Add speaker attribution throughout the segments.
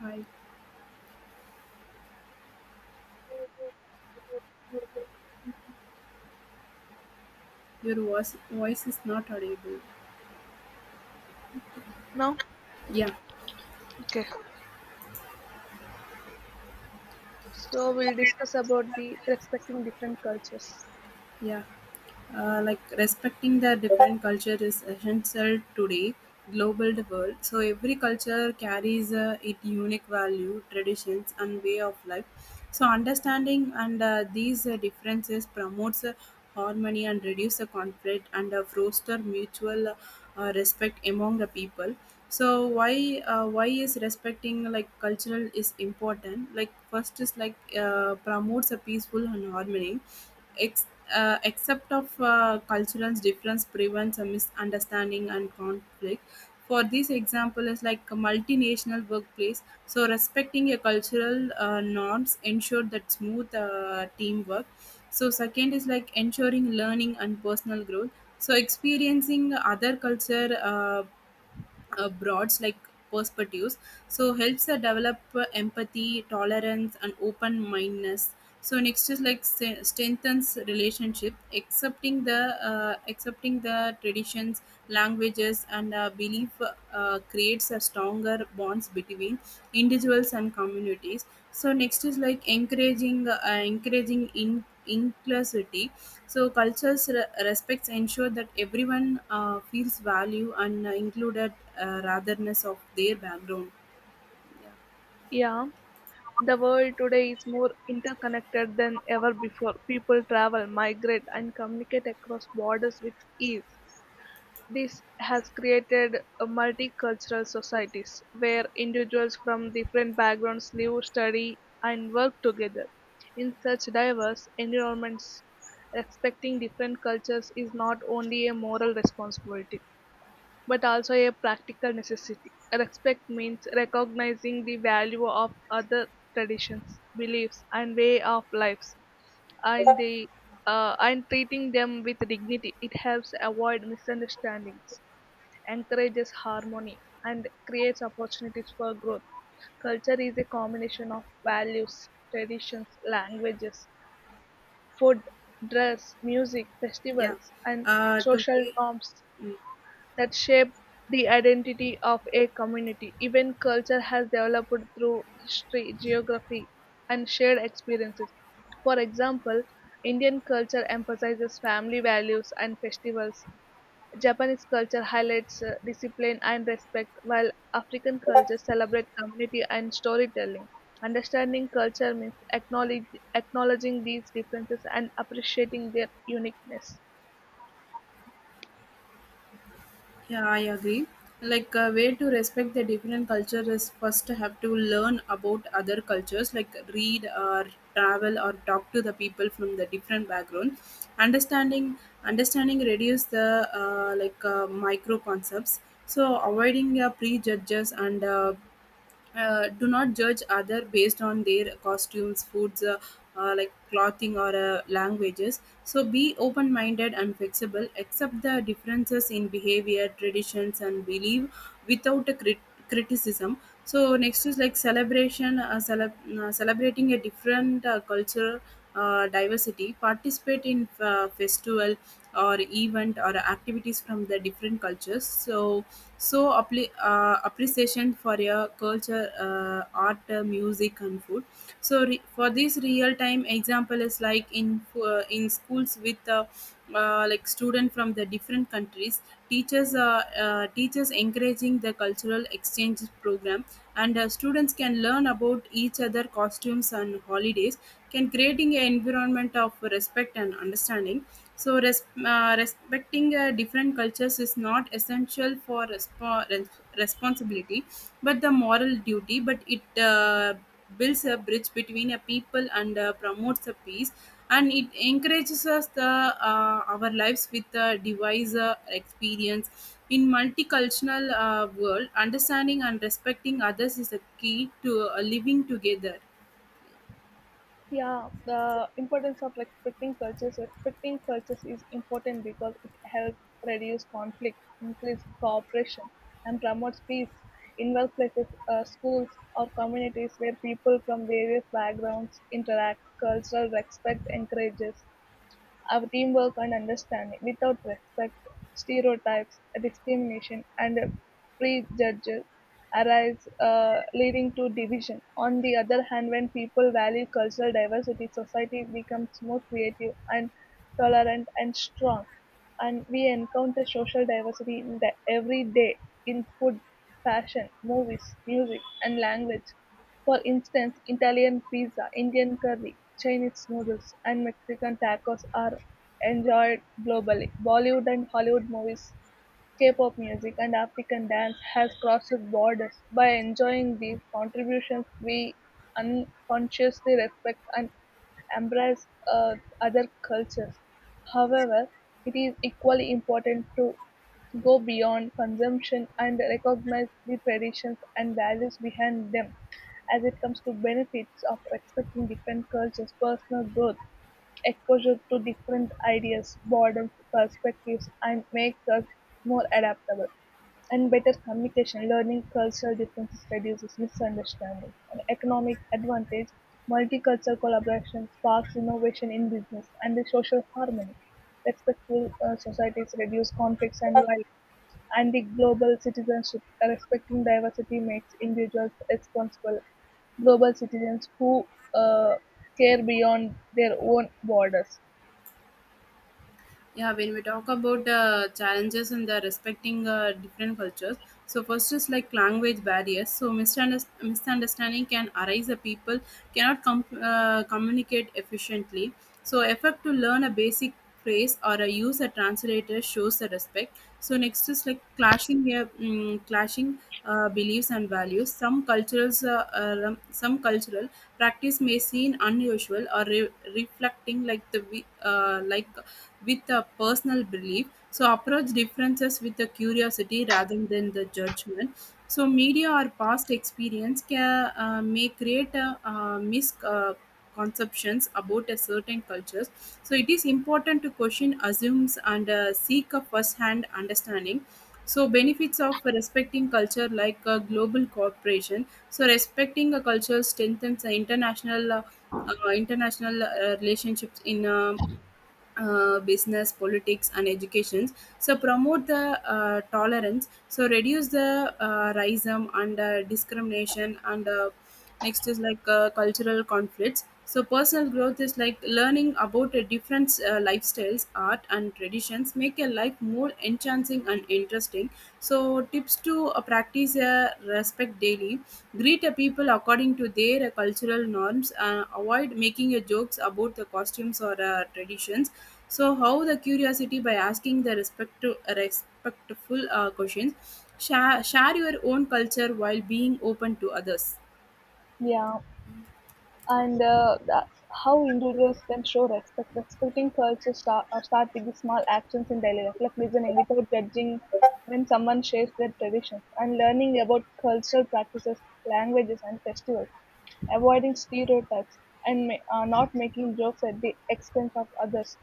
Speaker 1: Hi, your voice is not audible.
Speaker 2: Now,
Speaker 1: Yeah.
Speaker 2: okay. So we'll discuss about the respecting different cultures.
Speaker 1: Yeah, like respecting the different culture is essential today, global the world. So every culture carries its unique value, traditions, and way of life. So understanding and these differences promotes harmony and reduce the conflict and foster mutual respect among the people. So why is respecting like cultural is important? Like first is like promotes a peaceful and harmony. Ex- Except of cultural difference prevents a misunderstanding and conflict. For this example is like a multinational workplace. So respecting a cultural norms ensure that smooth teamwork. So second is like ensuring learning and personal growth. So experiencing other culture abroad like perspectives so helps develop empathy tolerance and open mindedness. So next is like strengthens relationship accepting the traditions languages and belief creates a stronger bonds between individuals and communities. So next is like encouraging in inclusivity. So cultures respects ensure that everyone feels value and included ratherness of their background.
Speaker 2: Yeah, the world today is more interconnected than ever before. People travel, migrate, and communicate across borders with ease. This has created a multicultural societies where individuals from different backgrounds live, study, and work together. In such diverse environments, respecting different cultures is not only a moral responsibility but also a practical necessity. Respect means recognizing the value of other traditions, beliefs, and way of lives, and the and treating them with dignity. It helps avoid misunderstandings, encourages harmony, and creates opportunities for growth. Culture is a combination of values, traditions, languages, food, dress, music,
Speaker 1: Yeah,
Speaker 2: festivals, and
Speaker 1: to
Speaker 2: social
Speaker 1: be,
Speaker 2: norms
Speaker 1: mm.
Speaker 2: that shape the identity of a community. Even culture has developed through history, geography, and shared experiences. For example, Indian culture emphasizes family values and festivals. Japanese culture highlights discipline and respect, while African cultures celebrate community and storytelling. Understanding culture means acknowledging these differences and appreciating their uniqueness.
Speaker 1: Yeah, I agree. Like a way to respect the different culture is first have to learn about other cultures, like read or travel or talk to the people from the different background. Understanding understanding reduce the micro concepts. So avoiding prejudges and do not judge other based on their costumes foods like clothing or languages. So be open minded and flexible accept the differences in behavior traditions and belief without a criticism. So next is like celebrating a different culture diversity, participate in festival or event or activities from the different cultures. So so appli appreciation for your culture art music and food. So for this real time example is like in in schools with like student from the different countries, teachers teachers encouraging the cultural exchange program and students can learn about each other costumes and holidays, can creating an environment of respect and understanding. So respecting different cultures is not essential for responsibility but the moral duty, but it builds a bridge between a people and promotes a peace and it encourages us the our lives with the device experience in multicultural world. Understanding and respecting others is a key to living together.
Speaker 2: Yeah, the importance of respecting cultures. Respecting cultures is important because it helps reduce conflict, increase cooperation, and promotes peace. In workplaces, schools, or communities where people from various backgrounds interact, cultural respect encourages our teamwork and understanding, without respect, stereotypes, discrimination, and prejudges arise, leading to division. On the other hand, when people value cultural diversity, society becomes more creative and tolerant, and strong, and we encounter social diversity in the everyday in food, fashion, movies, music, and language. For instance, Italian pizza, Indian curry, Chinese noodles, and Mexican tacos are enjoyed globally. Bollywood and Hollywood movies, K-pop music, and African dance has crossed borders by enjoying these contributions we unconsciously respect and embrace other cultures. However, it is equally important to go beyond consumption and recognize the traditions and values behind them as it comes to benefits of respecting different cultures, personal growth, exposure to different ideas broadens perspectives and makes us more adaptable. And better communication, learning cultural differences reduces misunderstandings. And economic advantage, multicultural collaboration sparks innovation in business and the social harmony. Respectful societies reduce conflicts and violence and the global citizenship, respecting diversity makes individuals responsible global citizens who uh, care beyond their own borders.
Speaker 1: Yeah, when we talk about the challenges in the respecting different cultures, so first is like language barriers, so misunderstanding can arise the people cannot communicate efficiently. So effort to learn a basic phrase or a use a translator shows the respect. So next is like clashing beliefs and values. Some cultures some cultural practice may seem unusual or reflecting like like with a personal belief. So approach differences with the curiosity rather than the judgment. So media or past experience can may create a misconceptions conceptions about a certain cultures. So it is important to question assumes and seek a first-hand understanding. So benefits of respecting culture like a global cooperation. So respecting a culture strengthens the international relationships in business, politics, and education. So promote the tolerance. So reduce the racism and discrimination. And next is like cultural conflicts. So personal growth is like learning about a different lifestyles, art, and traditions. Make your life more enchanting and interesting. So, tips to practice respect daily. Greet a people according to their cultural norms. Avoid making jokes about the costumes or traditions. So, how the curiosity by asking the respectful questions. Share your own culture while being open to others.
Speaker 2: Yeah, and uh, the, how individuals can show respect. Start with the small actions in daily life, like listening without judging when someone shares their traditions, and learning about cultural practices, languages, and festivals. Avoiding stereotypes, and not making jokes at the expense of others,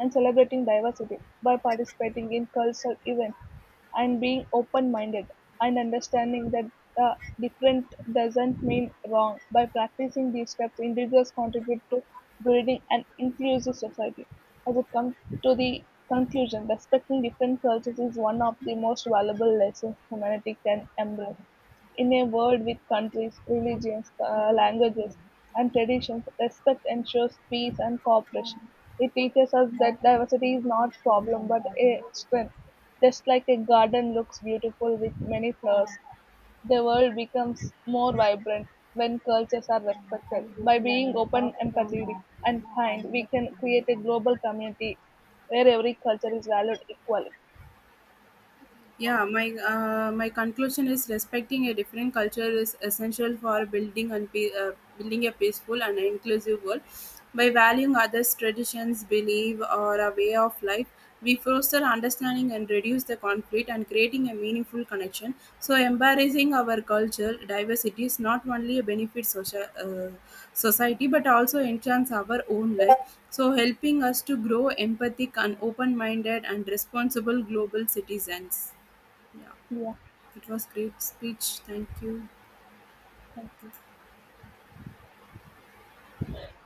Speaker 2: and celebrating diversity by participating in cultural events and being open minded and understanding that uh, different doesn't mean wrong. By practicing these steps, individuals contribute to building an inclusive society. As it comes to the conclusion, respecting different cultures is one of the most valuable lessons humanity can embrace. In a world with countries, religions, languages, and traditions, respect ensures peace and cooperation. It teaches us that diversity is not a problem but a strength. Just like a garden looks beautiful with many flowers, the world becomes more vibrant when cultures are respected. By being open, empathetic, and kind, we can create a global community where every culture is valued equally.
Speaker 1: Yeah, my my conclusion is respecting a different culture is essential for building a peaceful and inclusive world. By valuing others' traditions, belief, or a way of life, we foster understanding and reduce the conflict and creating a meaningful connection. So, embracing our culture diversity is not only a benefit social, society but also enhance our own life. So, helping us to grow empathic and open-minded and responsible global citizens. Yeah,
Speaker 2: Yeah,
Speaker 1: it was great speech. Thank you.
Speaker 2: thank you.